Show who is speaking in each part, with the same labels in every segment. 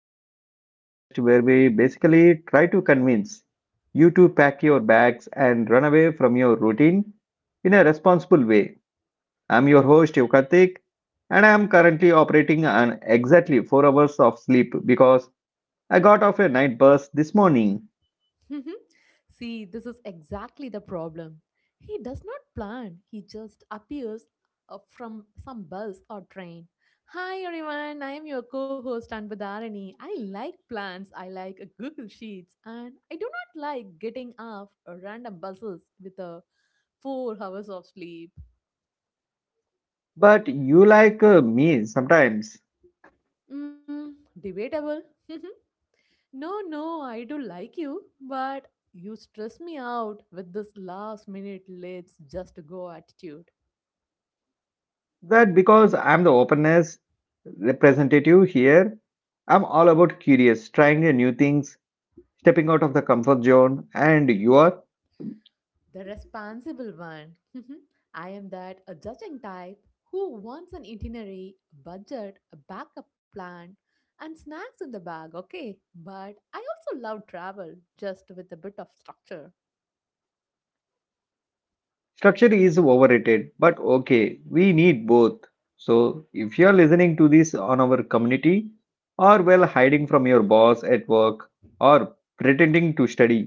Speaker 1: Travel, the podcast where we basically try to convince you to pack your bags and run away from your routine in a responsible way. I'm your host, Yukartik, and I'm currently operating on exactly 4 hours of sleep because I got off a night bus this morning.
Speaker 2: Mhm. See, this is exactly the problem. He does not plan, he just appears from some bus or train. Hi everyone, I am your co host Anbudharani. I like plans, I like Google Sheets, and I do not like getting off random buses with a 4 hours of sleep.
Speaker 1: But you like me sometimes,
Speaker 2: Mm, debatable. No, no, I do like you, but you stress me out with this last minute let's just go attitude.
Speaker 1: that because I'm the openness representative here, I'm all about curious, trying new things, stepping out of the comfort zone and your
Speaker 2: The responsible one. I am that a judging type who wants an itinerary, a budget, a backup plan, and snacks in the bag, okay? But I also love travel, just with a bit of structure.
Speaker 1: structure is overrated but okay, we need both. So if you are listening to this on our community or well, hiding from your boss at work, or pretending to study,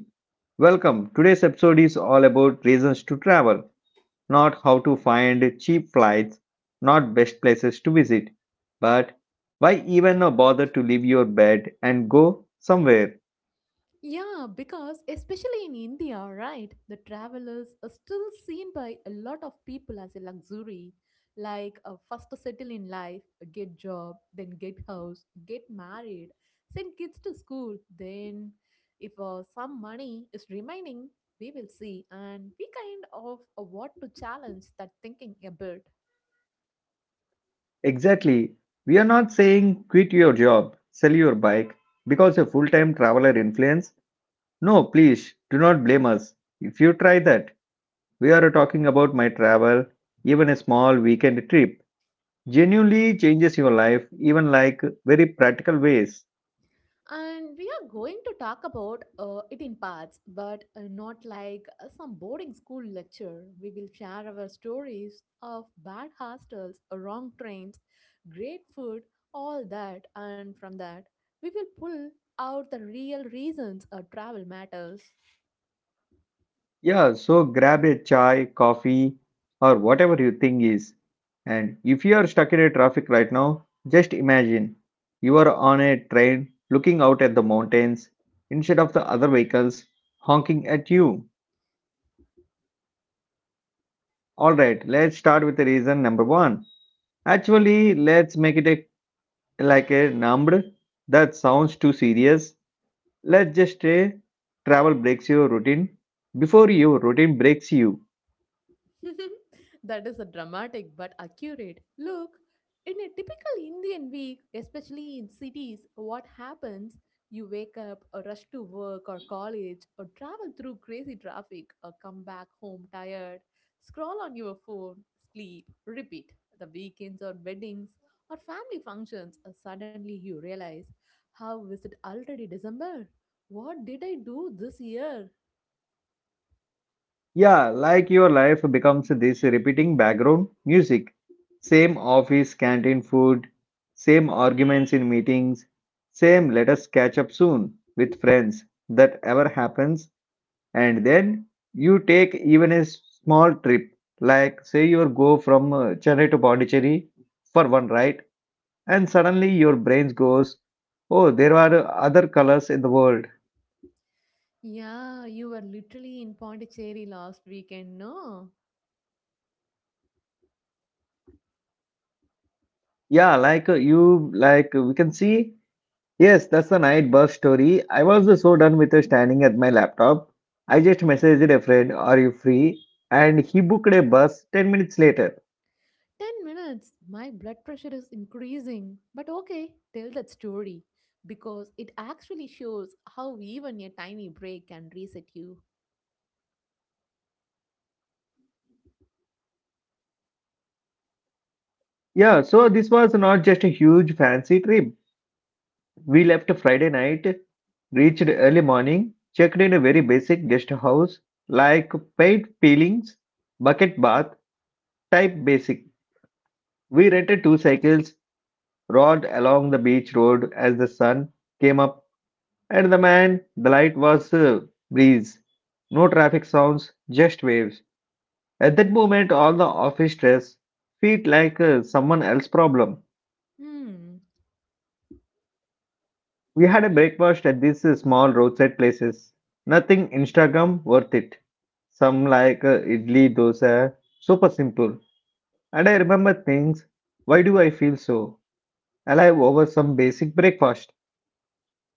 Speaker 1: welcome. Today's episode is all about reasons to travel, not how to find cheap flights, not best places to visit, but why even bother to leave your bed and go somewhere.
Speaker 2: Yeah, because especially in India, right, the travelers are still seen by a lot of people as a luxury, like first to settle in life, get job, then get house, get married, send kids to school. Then, if some money is remaining, we will see, and we kind of want to challenge that thinking a bit.
Speaker 1: Exactly. We are not saying quit your job, sell your bike because a full time traveler influence. No, please do not blame us. If you try that, we are talking about my travel, even a small weekend trip genuinely changes your life, even like very practical ways.
Speaker 2: And we are going to talk about it in parts, but not like some boarding school lecture. We will share our stories of bad hostels, wrong trains, great food, all that. And from that, we will pull out the real reasons travel matters.
Speaker 1: Yeah, so grab a chai, coffee, or whatever your thing is. And if you are stuck in a traffic right now, just imagine you are on a train looking out at the mountains instead of the other vehicles honking at you. All right, let's start with the reason number one. Actually, let's make it a, like a number that sounds too serious. Let's just say travel breaks your routine before your routine breaks you.
Speaker 2: That is a dramatic but accurate look. In a typical Indian week, especially in cities, what happens? You wake up, or rush to work or college, or travel through crazy traffic, or come back home tired, scroll on your phone, sleep, repeat. The weekends or weddings or family functions, or suddenly you realize, how is it already December? What did I do this year?
Speaker 1: Yeah, like your life becomes this repeating background music. Same office canteen food, same arguments in meetings, same let us catch up soon with friends that ever happens. And then you take even a small trip, like say you go from Chennai to Pondicherry for one ride, and suddenly your brain goes, oh, there are other colors in the world.
Speaker 2: Yeah, you were literally in Pondicherry last weekend, no?
Speaker 1: Yeah, like you, we can see. Yes, that's the night bus story. I was so done with standing at my laptop. I just messaged a friend, are you free? And he booked a bus 10 minutes later.
Speaker 2: 10 minutes. My blood pressure is increasing. But okay, tell that story because it actually shows how even a tiny break can reset you.
Speaker 1: Yeah, so this was not just a huge fancy trip. We left Friday night, reached early morning, checked in a very basic guest house, like paid peelings, bucket bath, type basic. We rented two cycles, rode along the beach road as the sun came up. At the man, the light was breeze. No traffic sounds, just waves. At that moment, all the office stress felt like someone else's problem.
Speaker 2: Hmm.
Speaker 1: We had a breakfast at these small roadside places. Nothing Instagram worth it. Some idli, dosa, super simple. And I remember things. Why do I feel so alive over some basic breakfast?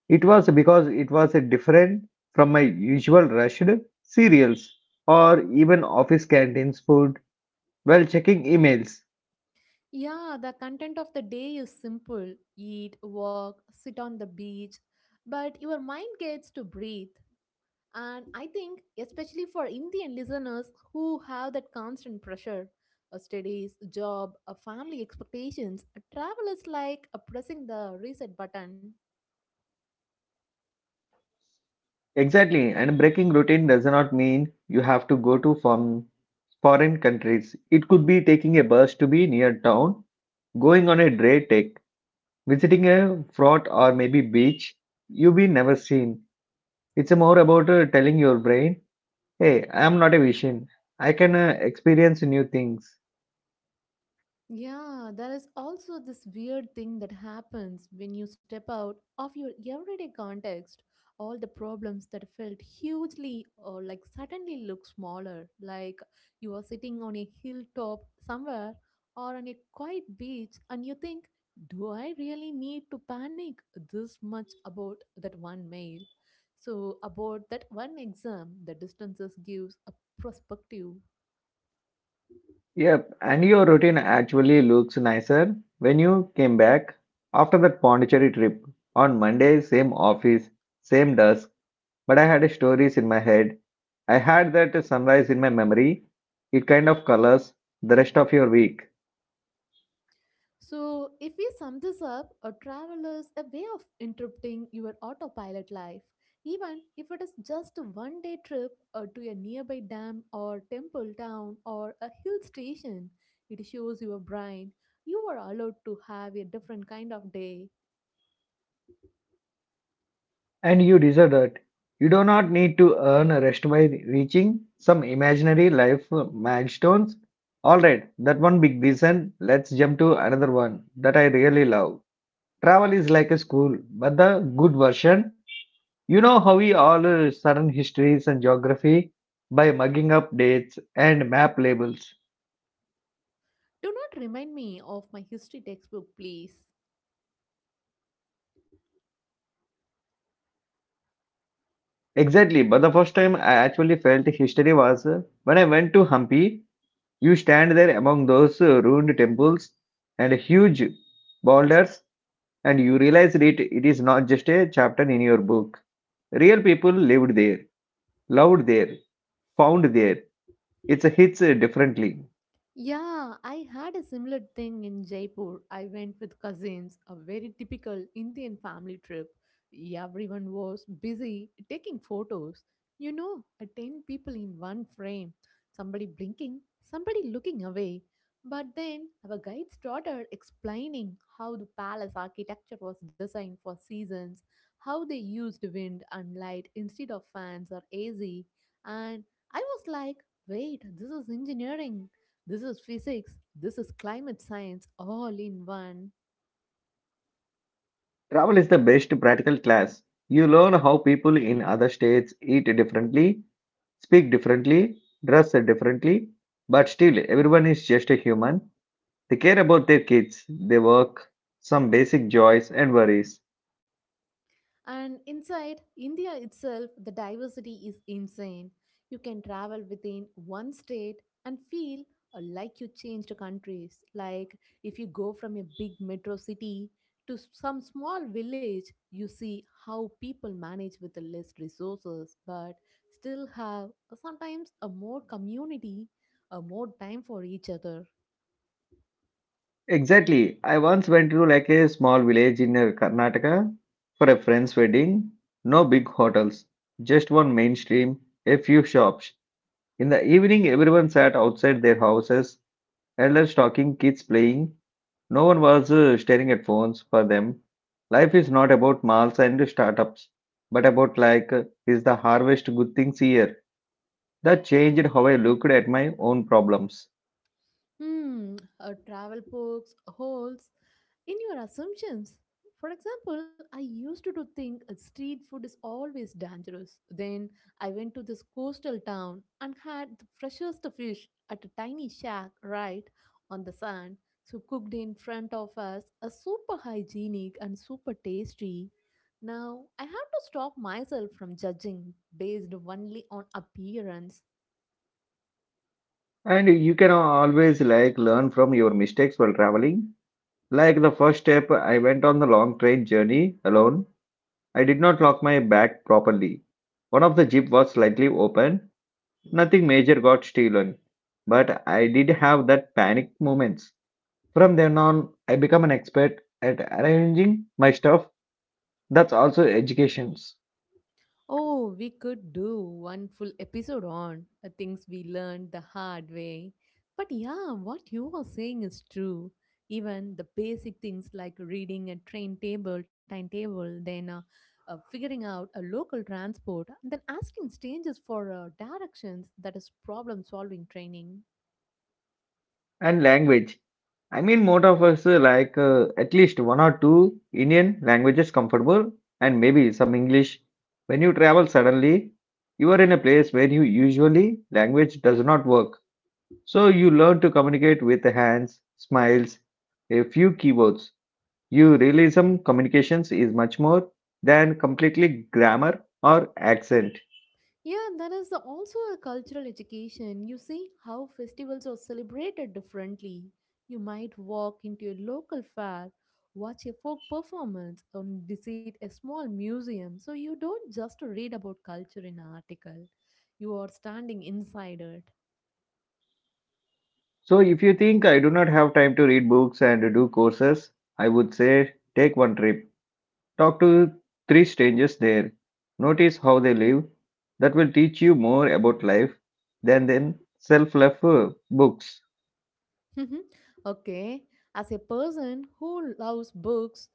Speaker 1: It was because it was a different from my usual rushed cereals or even office canteens food while checking emails.
Speaker 2: Yeah, the content of the day is simple eat, walk, sit on the beach, but your mind gets to breathe. And I think, especially for Indian listeners who have that constant pressure, a studies, job, a family expectations, a travel is like a pressing the reset button.
Speaker 1: Exactly, and breaking routine does not mean you have to go to from foreign countries. It could be taking a bus to be near town, going on a day trek, visiting a fort or maybe beach you've been never seen. It's more about telling your brain, "Hey, I am not a vision. I can experience new things."
Speaker 2: Yeah, there is also this weird thing that happens when you step out of your everyday context. All the problems that felt hugely or like suddenly look smaller, like you are sitting on a hilltop somewhere or on a quiet beach, and you think, do I really need to panic this much about that one mail? So, about that one exam, the distances gives a perspective. افغانستان د ځمکنی شکل
Speaker 1: Yep, and your routine actually looks
Speaker 2: کوربه دی.
Speaker 1: nicer when you came back after that Pondicherry trip. On Monday, same office, same desk, but I had stories in my head. I had that sunrise in my memory. It kind of colors the rest of your week.
Speaker 2: So, if we sum this up, a travel is a way of interrupting your autopilot life, even if it is just a one day trip to a nearby dam or temple town or a hill station. It shows your brain you are allowed to have a different kind of day.
Speaker 1: And you deserve that. You do not need to earn a rest by reaching some imaginary life milestones. Alright, that one big reason. Let's jump to another one that I really love. Travel is like a school, but the good version. You know how we all sudden histories and geography by mugging up dates and map labels.
Speaker 2: Do not remind me of my history textbook, please.
Speaker 1: Exactly, but the first time I actually felt history was when I went to Hampi. You stand there among those ruined temples and huge boulders, and you realize it, it is not just a chapter in your book. Real people lived there, loved there, found there. It's hits differently.
Speaker 2: Yeah, I had a similar thing in Jaipur. I went with cousins, a very typical Indian family trip. Everyone was busy taking photos. You know, 10 people in one frame, somebody blinking, somebody looking away. But then our guide started explaining how the palace architecture was designed for seasons, how they used wind and light instead of fans or AC. And I was like, wait, this is engineering, this is physics, this is climate science, all in one.
Speaker 1: Travel is the best practical class. You learn how people in other states eat differently, speak differently, dress differently, but still everyone is just a human. They care about their kids, they work, some basic joys and worries.
Speaker 2: And inside India itself, the diversity is insane. You can travel within one state and feel like you changed countries. Like if you go from a big metro city to some small village, you see how people manage with the less resources but still have sometimes a more community, a more time for each other.
Speaker 1: Exactly. I once went to like a small village in Karnataka for a friend's wedding. No big hotels, just one mainstream, a few shops. In the evening, everyone sat outside their houses, elders talking, kids playing. No one was staring at phones for them. Life is not about malls and startups, but about like, is the harvest good things here? That changed how I looked at my own problems.
Speaker 2: Hmm, travel pokes holes in your assumptions. For example, I used to do think street food is always dangerous. Then I went to this coastal town and had the freshest fish at a tiny shack right on the sand. So cooked in front of us, a super hygienic and super tasty. Now I have to stop myself from judging based only on appearance.
Speaker 1: And you can always like learn from your mistakes while traveling. Like the first step, I went on the long train journey alone. I did not lock my bag properly. One of the jeep was slightly open. Nothing major got stolen, but I did have that panic moments. From then on, I become an expert at arranging my stuff. That's also educations
Speaker 2: Oh, we could do one full episode on things we learned the hard way. But yeah, what you are saying is true. Even the basic things like reading a train table, timetable, then figuring out a local transport, then asking strangers for directions that is problem solving training.
Speaker 1: and language. I mean, most of us at least one or two Indian languages comfortable and maybe some English. When you travel suddenly, you are in a place where you usually language does not work. So you learn to communicate with the hands, smiles, a few keywords. You realism communications is much more than completely grammar or accent.
Speaker 2: Yeah, there is also a cultural education. You see how festivals are celebrated differently. You might walk into a local fair, watch a folk performance, or visit a small museum. So you don't just read about culture in an article, you are standing inside it.
Speaker 1: So, if you think I do not have time to read books and do courses, I would say take one trip. Talk to three strangers there. Notice how they live. That will teach you more about life than then self-help books.
Speaker 2: Okay, as a person who loves books,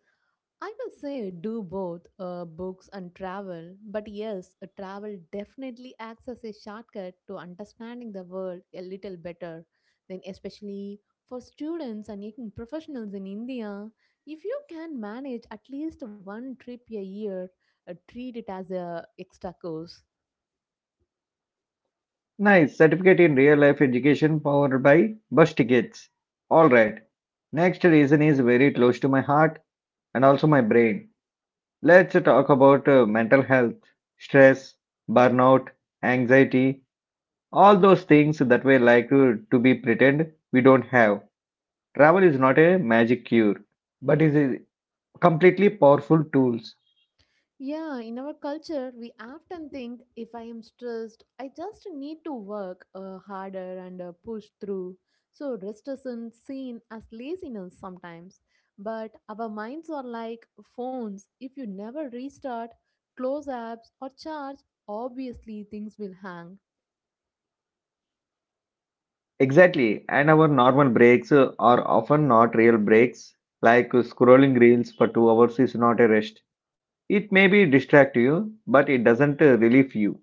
Speaker 2: I will say do both books and travel, but yes, travel definitely acts as a shortcut to understanding the world a little better. Then, especially for students and young professionals in India, if you can manage at least 1 trip a year, treat it as a extra course.
Speaker 1: Nice certificate in real life education powered by bus tickets. All right. Next reason is very close to my heart and also my brain. Let's talk about mental health, stress, burnout, anxiety, all those things that we like to be pretend we don't have. Travel is not a magic cure but is a completely powerful tools.
Speaker 2: Yeah, in our culture, we often think if I am stressed, I just need to work harder and push through. So, rest isn't seen as laziness sometimes. But our minds are like phones. If you never restart, close apps, or charge, obviously things will hang.
Speaker 1: Exactly, and our normal breaks are often not real breaks, like scrolling reels for 2 hours is not a rest. It may be distract you but it doesn't relieve you.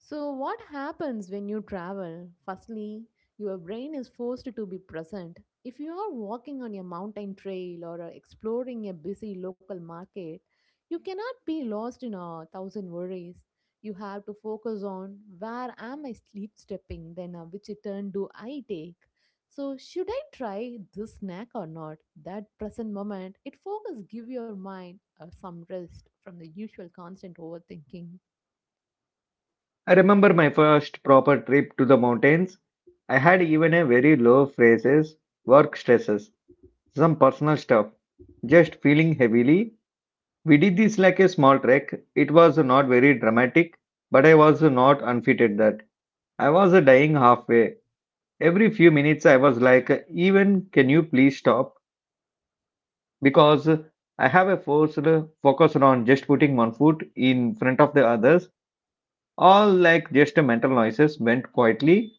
Speaker 2: So, what happens when you travel? Firstly, your brain is forced to be present. If you are walking on a mountain trail or are exploring a busy local market, you cannot be lost in a thousand worries. You have to focus on where am I sleep stepping, then which turn do I take? So, should I try this snack or not? That present moment, it focus give your mind some rest from the usual constant overthinking.
Speaker 1: I remember my first proper trip to the mountains. I had even a very low phrases, work stresses, some personal stuff, just feeling heavily. We did this like a small trek. It was not very dramatic, but I was not unfitted that. I was dying halfway. Every few minutes I was like, even can you please stop? Because I have a forced focus on just putting one foot in front of the others. All like just mental noises went quietly.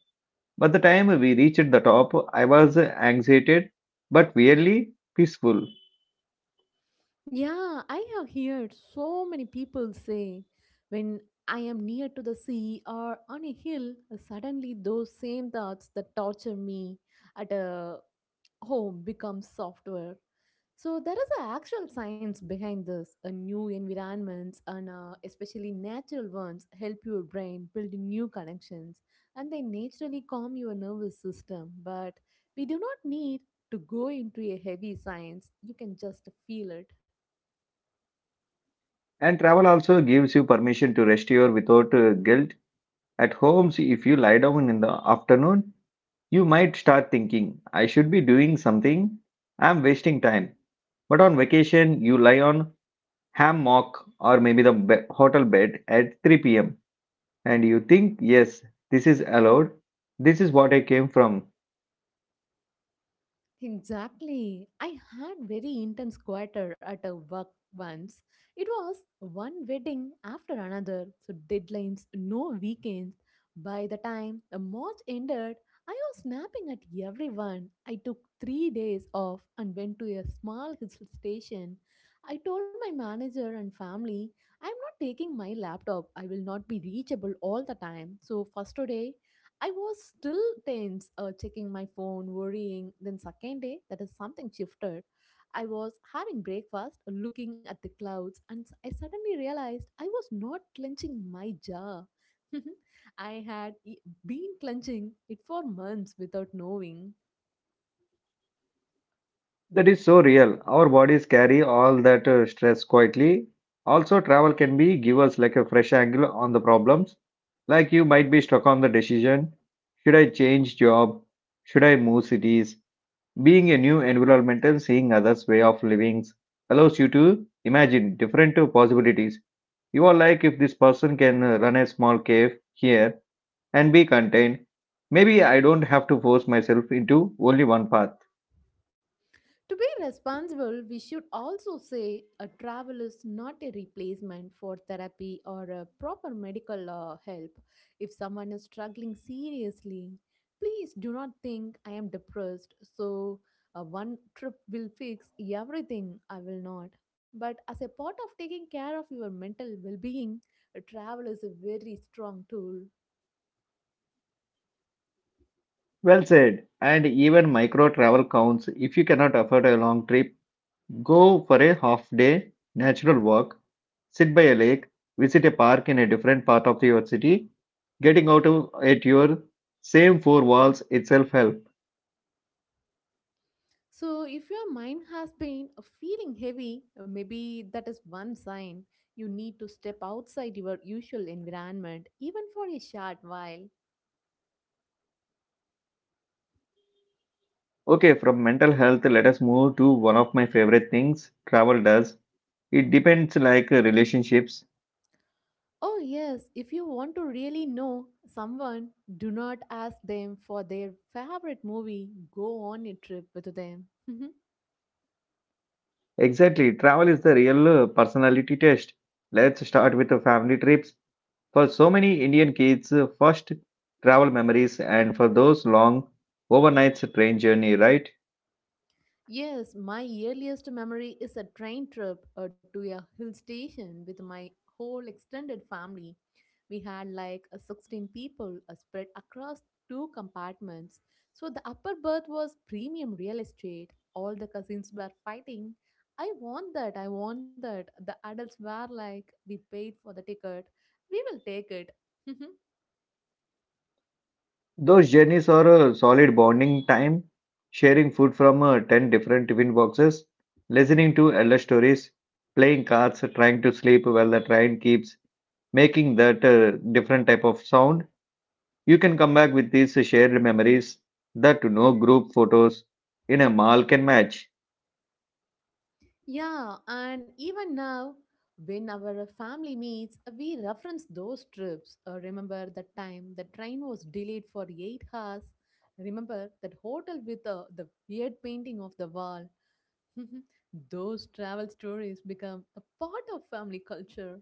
Speaker 1: By the time we reached the top, I was anxiated but weirdly peaceful.
Speaker 2: Yeah, I have heard so many people say when I am near to the sea or on a hill, suddenly those same thoughts that torture me at a home become software. So there is a actual science behind this. A new environments and especially natural ones help your brain build new connections and they naturally calm your nervous system. But we do not need to go into a heavy science. You can just feel it.
Speaker 1: And travel also gives you permission to rest your without guilt. At home, see, if you lie down in the afternoon, you might start thinking, I should be doing something, I'm wasting time. But on vacation, you lie on hammock or maybe the hotel bed at 3 p.m. and you think, yes, this is allowed, this is what I came from.
Speaker 2: Exactly. I had very intense quarter at a work once. It was one wedding after another, so deadlines, no weekends. By the time the March ended, I was snapping at everyone. I took 3 days off and went to a small hill station. I told my manager and family, I'm not taking my laptop. I will not be reachable all the time. So first today I was still tense, checking my phone, worrying. Then, second day, that is something shifted. I was having breakfast, looking at the clouds, and I suddenly realized I was not clenching my jaw. I had been clenching it for months without knowing.
Speaker 1: That is so real. Our bodies carry all that stress quietly. Also, travel can be give us like a fresh angle on the problems. Like you might be stuck on the decision: should I change job? Should I move cities? Being a new environment and seeing others' way of living allows you to imagine different possibilities. You are like if this person can run a small cave here and be contained. Maybe I don't have to force myself into only one path.
Speaker 2: To be responsible, we should also say a travel is not a replacement for therapy or a proper medical help. If someone is struggling seriously, please do not think I am depressed, so one trip will fix everything. I will not. But as a part of taking care of your mental well being, travel is a very strong tool.
Speaker 1: Well said. And even micro travel counts. If you cannot afford a long trip, go for a half day natural walk, sit by a lake, visit a park in a different part of your city. Getting out of, at your same four walls itself help.
Speaker 2: So, if your mind has been feeling heavy, maybe that is one sign you need to step outside your usual environment, even for a short while.
Speaker 1: Okay, from mental health, let us move to one of my favorite things travel does. It depends like relationships.
Speaker 2: Oh, yes, if you want to really know someone, do not ask them for their favorite movie, go on a trip with them.
Speaker 1: Exactly, travel is the real personality test. Let's start with the family trips. For so many Indian kids, first travel memories, and for those long overnight train journey, right?
Speaker 2: Yes, my earliest memory is a train trip to a hill station with my whole extended family. We had like 16 people spread across 2 compartments. So the upper berth was premium real estate. All the cousins were fighting. I want that, I want that. The adults were like, we paid for the ticket. We will take it.
Speaker 1: Those journeys are a solid bonding time, sharing food from 10 different tiffin boxes, listening to elder stories, playing cards, trying to sleep while the train keeps making that different type of sound. You can come back with these shared memories that no group photos in a mall can match.
Speaker 2: Yeah, and even now, when our family meets, we reference those trips. Remember that time the train was delayed for 8 hours. Remember that hotel with the weird painting of the wall. Those travel stories become a part of family culture.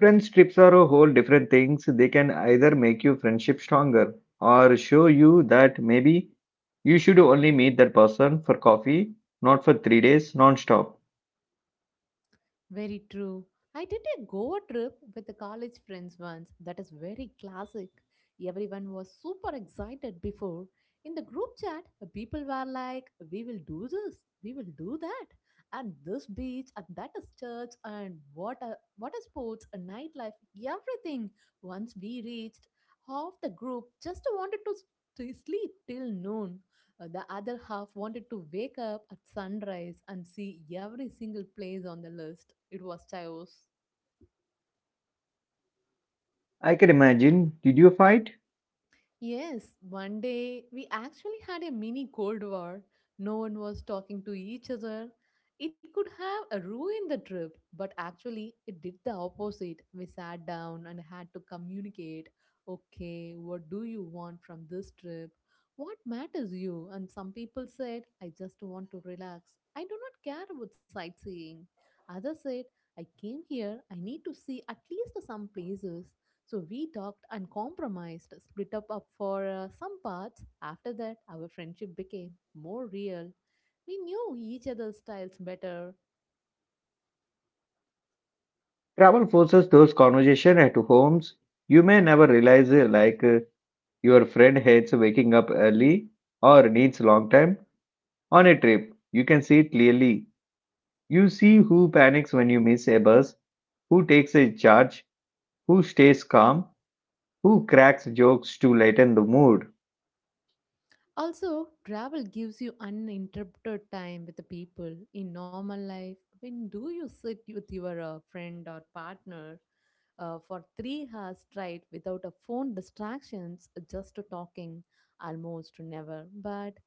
Speaker 1: Friends trips are a whole different things. They can either make your friendship stronger or show you that maybe you should only meet that person for coffee, not for 3 days non-stop.
Speaker 2: Very true. I did a Goa trip with the college friends once. That is very classic. Everyone was super excited before. In the group chat, the people were like, we will do this, we will do that, and this beach, and that is church, and what a sports, a nightlife, everything. Once we reached, half the group just wanted to to sleep till noon. The other half wanted to wake up at sunrise and see every single place on the list. It was chaos.
Speaker 1: I can imagine. Did you fight?
Speaker 2: Yes, one day we actually had a mini Cold War. No one was talking to each other. It could have ruined the trip, but actually it did the opposite. We sat down and had to communicate, okay, what do you want from this trip? What matters you? And some people said, I just want to relax. I do not care about sightseeing. Others said, I came here, I need to see at least some places. So we talked and compromised, split up for some parts. After that, our friendship became more real. We knew each other's styles better.
Speaker 1: Travel forces those conversation at homes. You may never realize your friend hates waking up early or needs long time on a trip. You can see it clearly. You see who panics when you miss a bus, who takes a charge, who stays calm, who cracks jokes to lighten the mood.
Speaker 2: Also, travel gives you uninterrupted time with the people in normal life. When do you sit with your friend or partner for 3 hours straight without a phone distractions, just talking? Almost never. But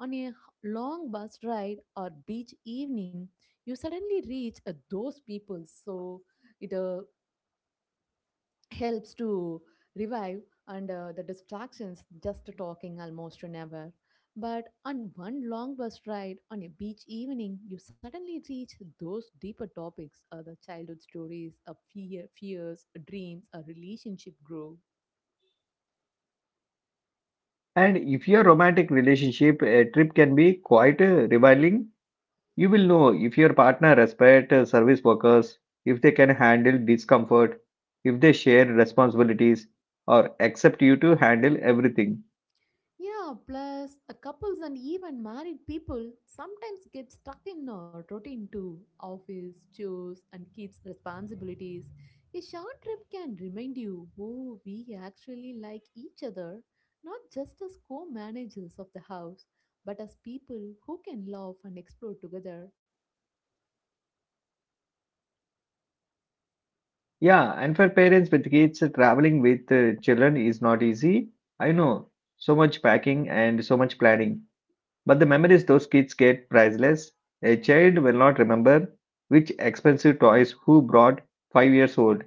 Speaker 2: on a h- long bus ride or beach evening, you suddenly reach those people. So it helps to revive and the distractions just talking almost never, but on one long bus ride on a beach evening you suddenly reach those deeper topics, the childhood stories of fear, fears, dreams, a relationship growth.
Speaker 1: And if your romantic relationship a trip can be quite revealing, you will know if your partner respects service workers, if they can handle discomfort, if they share responsibilities, or accept you to handle everything.
Speaker 2: Yeah, plus couples and even married people sometimes get stuck in a routine too. Office, chores, and kids' responsibilities. A short trip can remind you, oh, we actually like each other, not just as co managers of the house, but as people who can love and explore together.
Speaker 1: Yeah, and for parents with kids, traveling with children is not easy. I know, so much packing and so much planning. But the memories those kids get priceless. A child will not remember which expensive toys who brought 5 years old,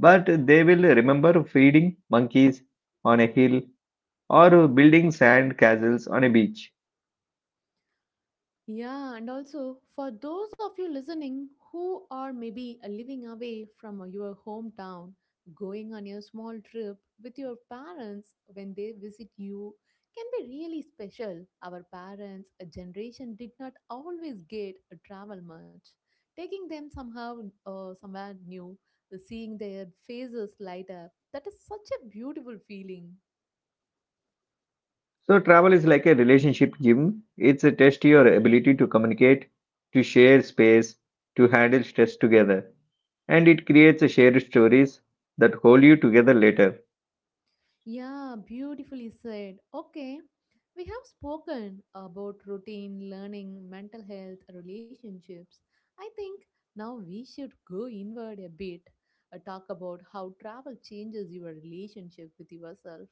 Speaker 1: but they will remember feeding monkeys on a hill or building sand castles on a beach.
Speaker 2: Yeah, and also for those of you listening who are maybe living away from your hometown, going on your small trip with your parents when they visit you can be really special. Our parents, a generation, did not always get travel much. Taking them somehow, somewhere new, the seeing their faces light up, that is such a beautiful feeling.
Speaker 1: So travel is like a relationship gym. It's a test your ability to communicate, to share space, to handle stress together, and it creates a shared stories that hold you together later.
Speaker 2: Yeah, beautifully said. Okay, we have spoken about routine, learning, mental health, relationships. I think now we should go inward a bit, talk about how travel changes your relationship with yourself.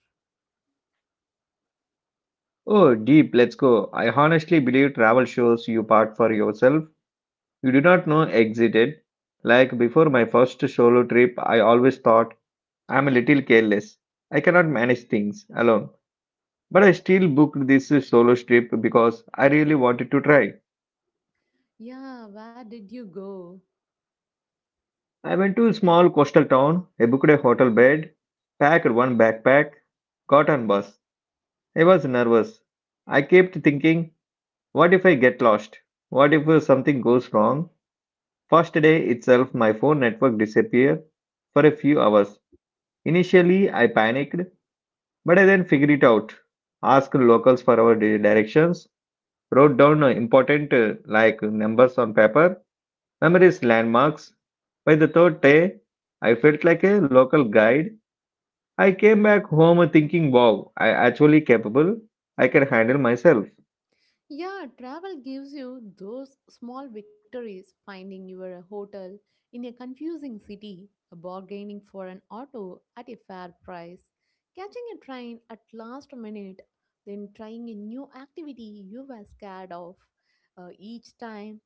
Speaker 1: Oh, deep, let's go. I honestly believe travel shows you part for yourself. You do not know exited. Like before my first solo trip, I always thought I'm a little careless. I cannot manage things alone. But I still booked this solo trip because I really wanted to try.
Speaker 2: Yeah, where did you go?
Speaker 1: I went to a small coastal town, I booked a hotel bed, packed one backpack, got on bus. I was nervous. I kept thinking, what if I get lost? What if something goes wrong? First day itself, my phone network disappeared for a few hours. Initially, I panicked, but I then figured it out. Asked locals for our directions, wrote down important numbers on paper, memorized landmarks. By the third day, I felt like a local guide. I came back home thinking, wow, I actually capable. I can handle myself.
Speaker 2: Yeah, travel gives you those small victories, finding your hotel in a confusing city, bargaining for an auto at a fair price, catching a train at last minute, then trying a new activity you were scared of. Each time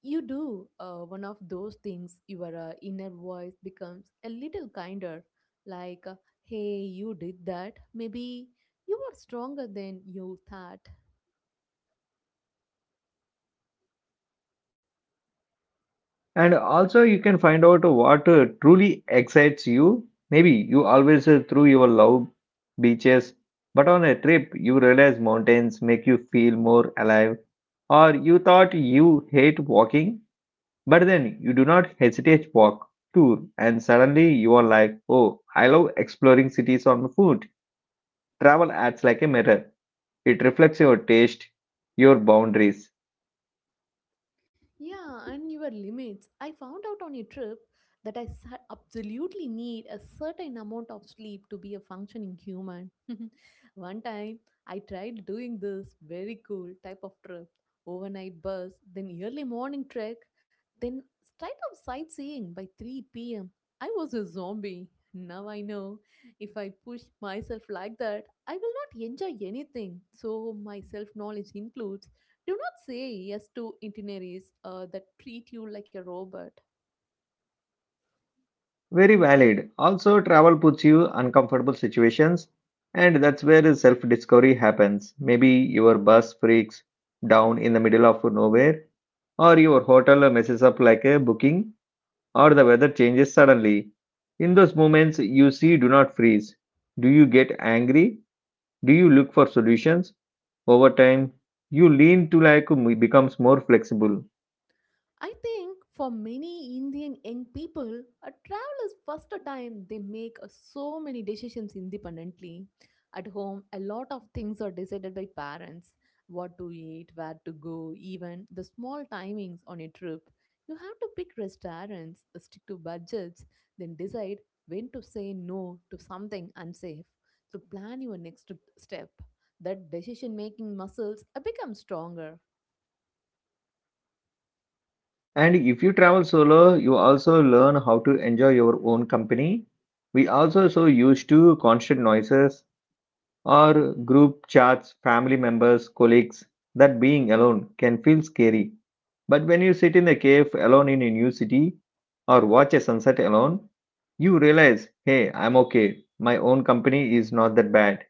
Speaker 2: you do one of those things, your inner voice becomes a little kinder, like, hey, you did that. Maybe you were stronger than you thought.
Speaker 1: And also, you can find out what truly excites you. Maybe you always through your love beaches, but on a trip, you realize mountains make you feel more alive. Or you thought you hate walking, but then you do not hesitate walk tour, and suddenly you are like, oh, I love exploring cities on foot. Travel acts like a mirror; it reflects your taste, your boundaries.
Speaker 2: Yeah, and your limits. I found out on a trip that absolutely need a certain amount of sleep to be a functioning human. One time, I tried doing this very cool type of trip, overnight bus, then early morning trek, then straight up sightseeing by 3 pm. I was a zombie. Now I know if I push myself like that, I will not enjoy anything. So, my self knowledge includes do not say yes to itineraries that treat you like a robot.
Speaker 1: Very valid. Also, travel puts you uncomfortable situations, and that's where self discovery happens. Maybe your bus freaks down in the middle of nowhere, or your hotel messes up like a booking, or the weather changes suddenly. In those moments, you see do not freeze. Do you get angry? Do you look for solutions? Over time, you lean to like becomes more flexible.
Speaker 2: I think for many Indian young people, a travel is first time they make so many decisions independently. At home, a lot of things are decided by parents. What to eat, where to go, even the small timings on a trip. You have to pick restaurants, stick to budgets, then decide when to say no to something unsafe. So plan your next step. That decision making muscles become stronger.
Speaker 1: And if you travel solo, you also learn how to enjoy your own company. We also so used to constant noises or group chats, family members, colleagues, that being alone can feel scary. But when you sit in a cave alone in a new city or watch a sunset alone, you realize, hey, I'm okay. My own company is not that bad.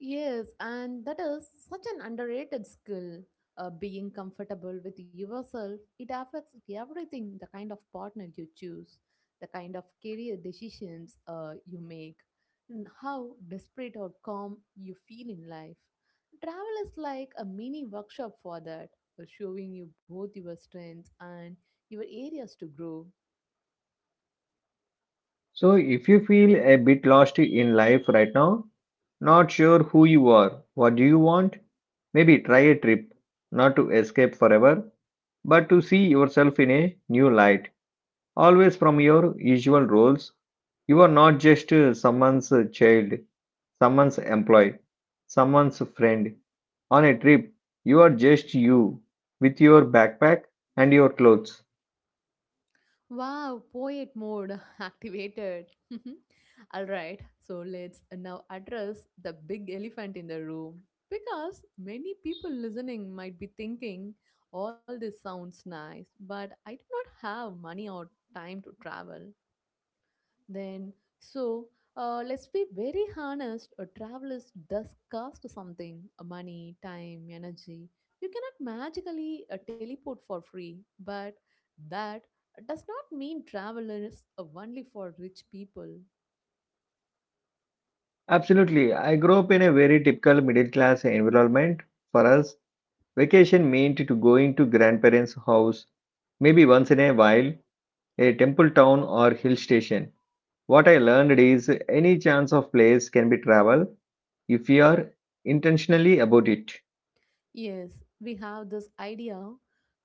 Speaker 2: Yes, and that is such an underrated skill. Being comfortable with yourself, it affects everything, the kind of partner you choose, the kind of career decisions you make, and how desperate or calm you feel in life. Travel is like a mini workshop for that, showing you both your strengths and your areas to grow.
Speaker 1: So, if you feel a bit lost in life right now, not sure who you are, what do you want, maybe try a trip, not to escape forever, but to see yourself in a new light, always from your usual roles. You are not just someone's child, someone's employee, someone's friend. On a trip, you are just you, with your backpack and your clothes.
Speaker 2: Wow, poet mode activated. All right, so let's now address the big elephant in the room, because many people listening might be thinking all this sounds nice, but I do not have money or time to travel. Then, so let's be very honest. A travel is does cost something: money, time, energy. You cannot magically teleport for free, but that does not mean travel is only for rich people.
Speaker 1: Absolutely. I grew up in a very typical middle class environment. For us, vacation meant to going to grandparents' house maybe once in a while, a temple town or hill station. What I learned is any chance of place can be travel if you are intentionally about it.
Speaker 2: Yes, we have this idea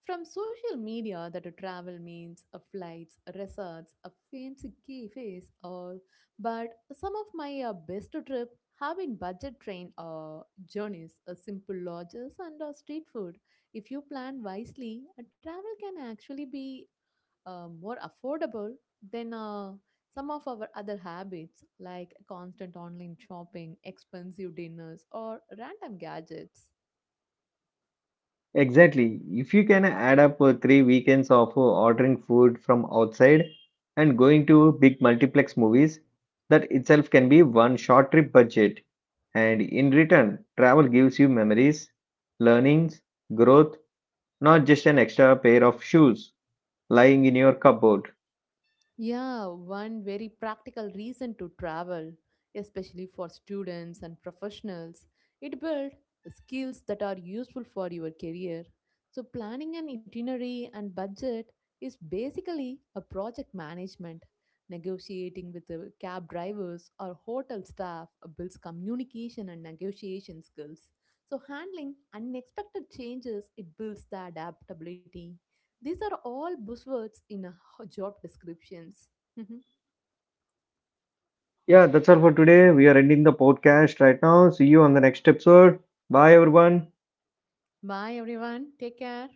Speaker 2: from social media that a travel means a flights, resorts, a fancy cafes, all. But some of my best trip have been budget train journeys, simple lodges, and street food. If you plan wisely, a travel can actually be more affordable than some of our other habits like constant online shopping, expensive dinners, or random gadgets.
Speaker 1: Exactly. If you can add up three weekends of ordering food from outside and going to big multiplex movies, that itself can be one short trip budget. And in return, travel gives you memories, learnings, growth, not just an extra pair of shoes lying in your cupboard.
Speaker 2: Yeah, one very practical reason to travel, especially for students and professionals. It builds skills that are useful for your career. So, planning an itinerary and budget is basically a project management. Negotiating with the cab drivers or hotel staff builds communication and negotiation skills. So, handling unexpected changes, it builds the adaptability. These are all buzzwords in job descriptions.
Speaker 1: Yeah, that's all for today. We are ending the podcast right now. See you on the next episode. Bye, everyone.
Speaker 2: Bye, everyone. Take care.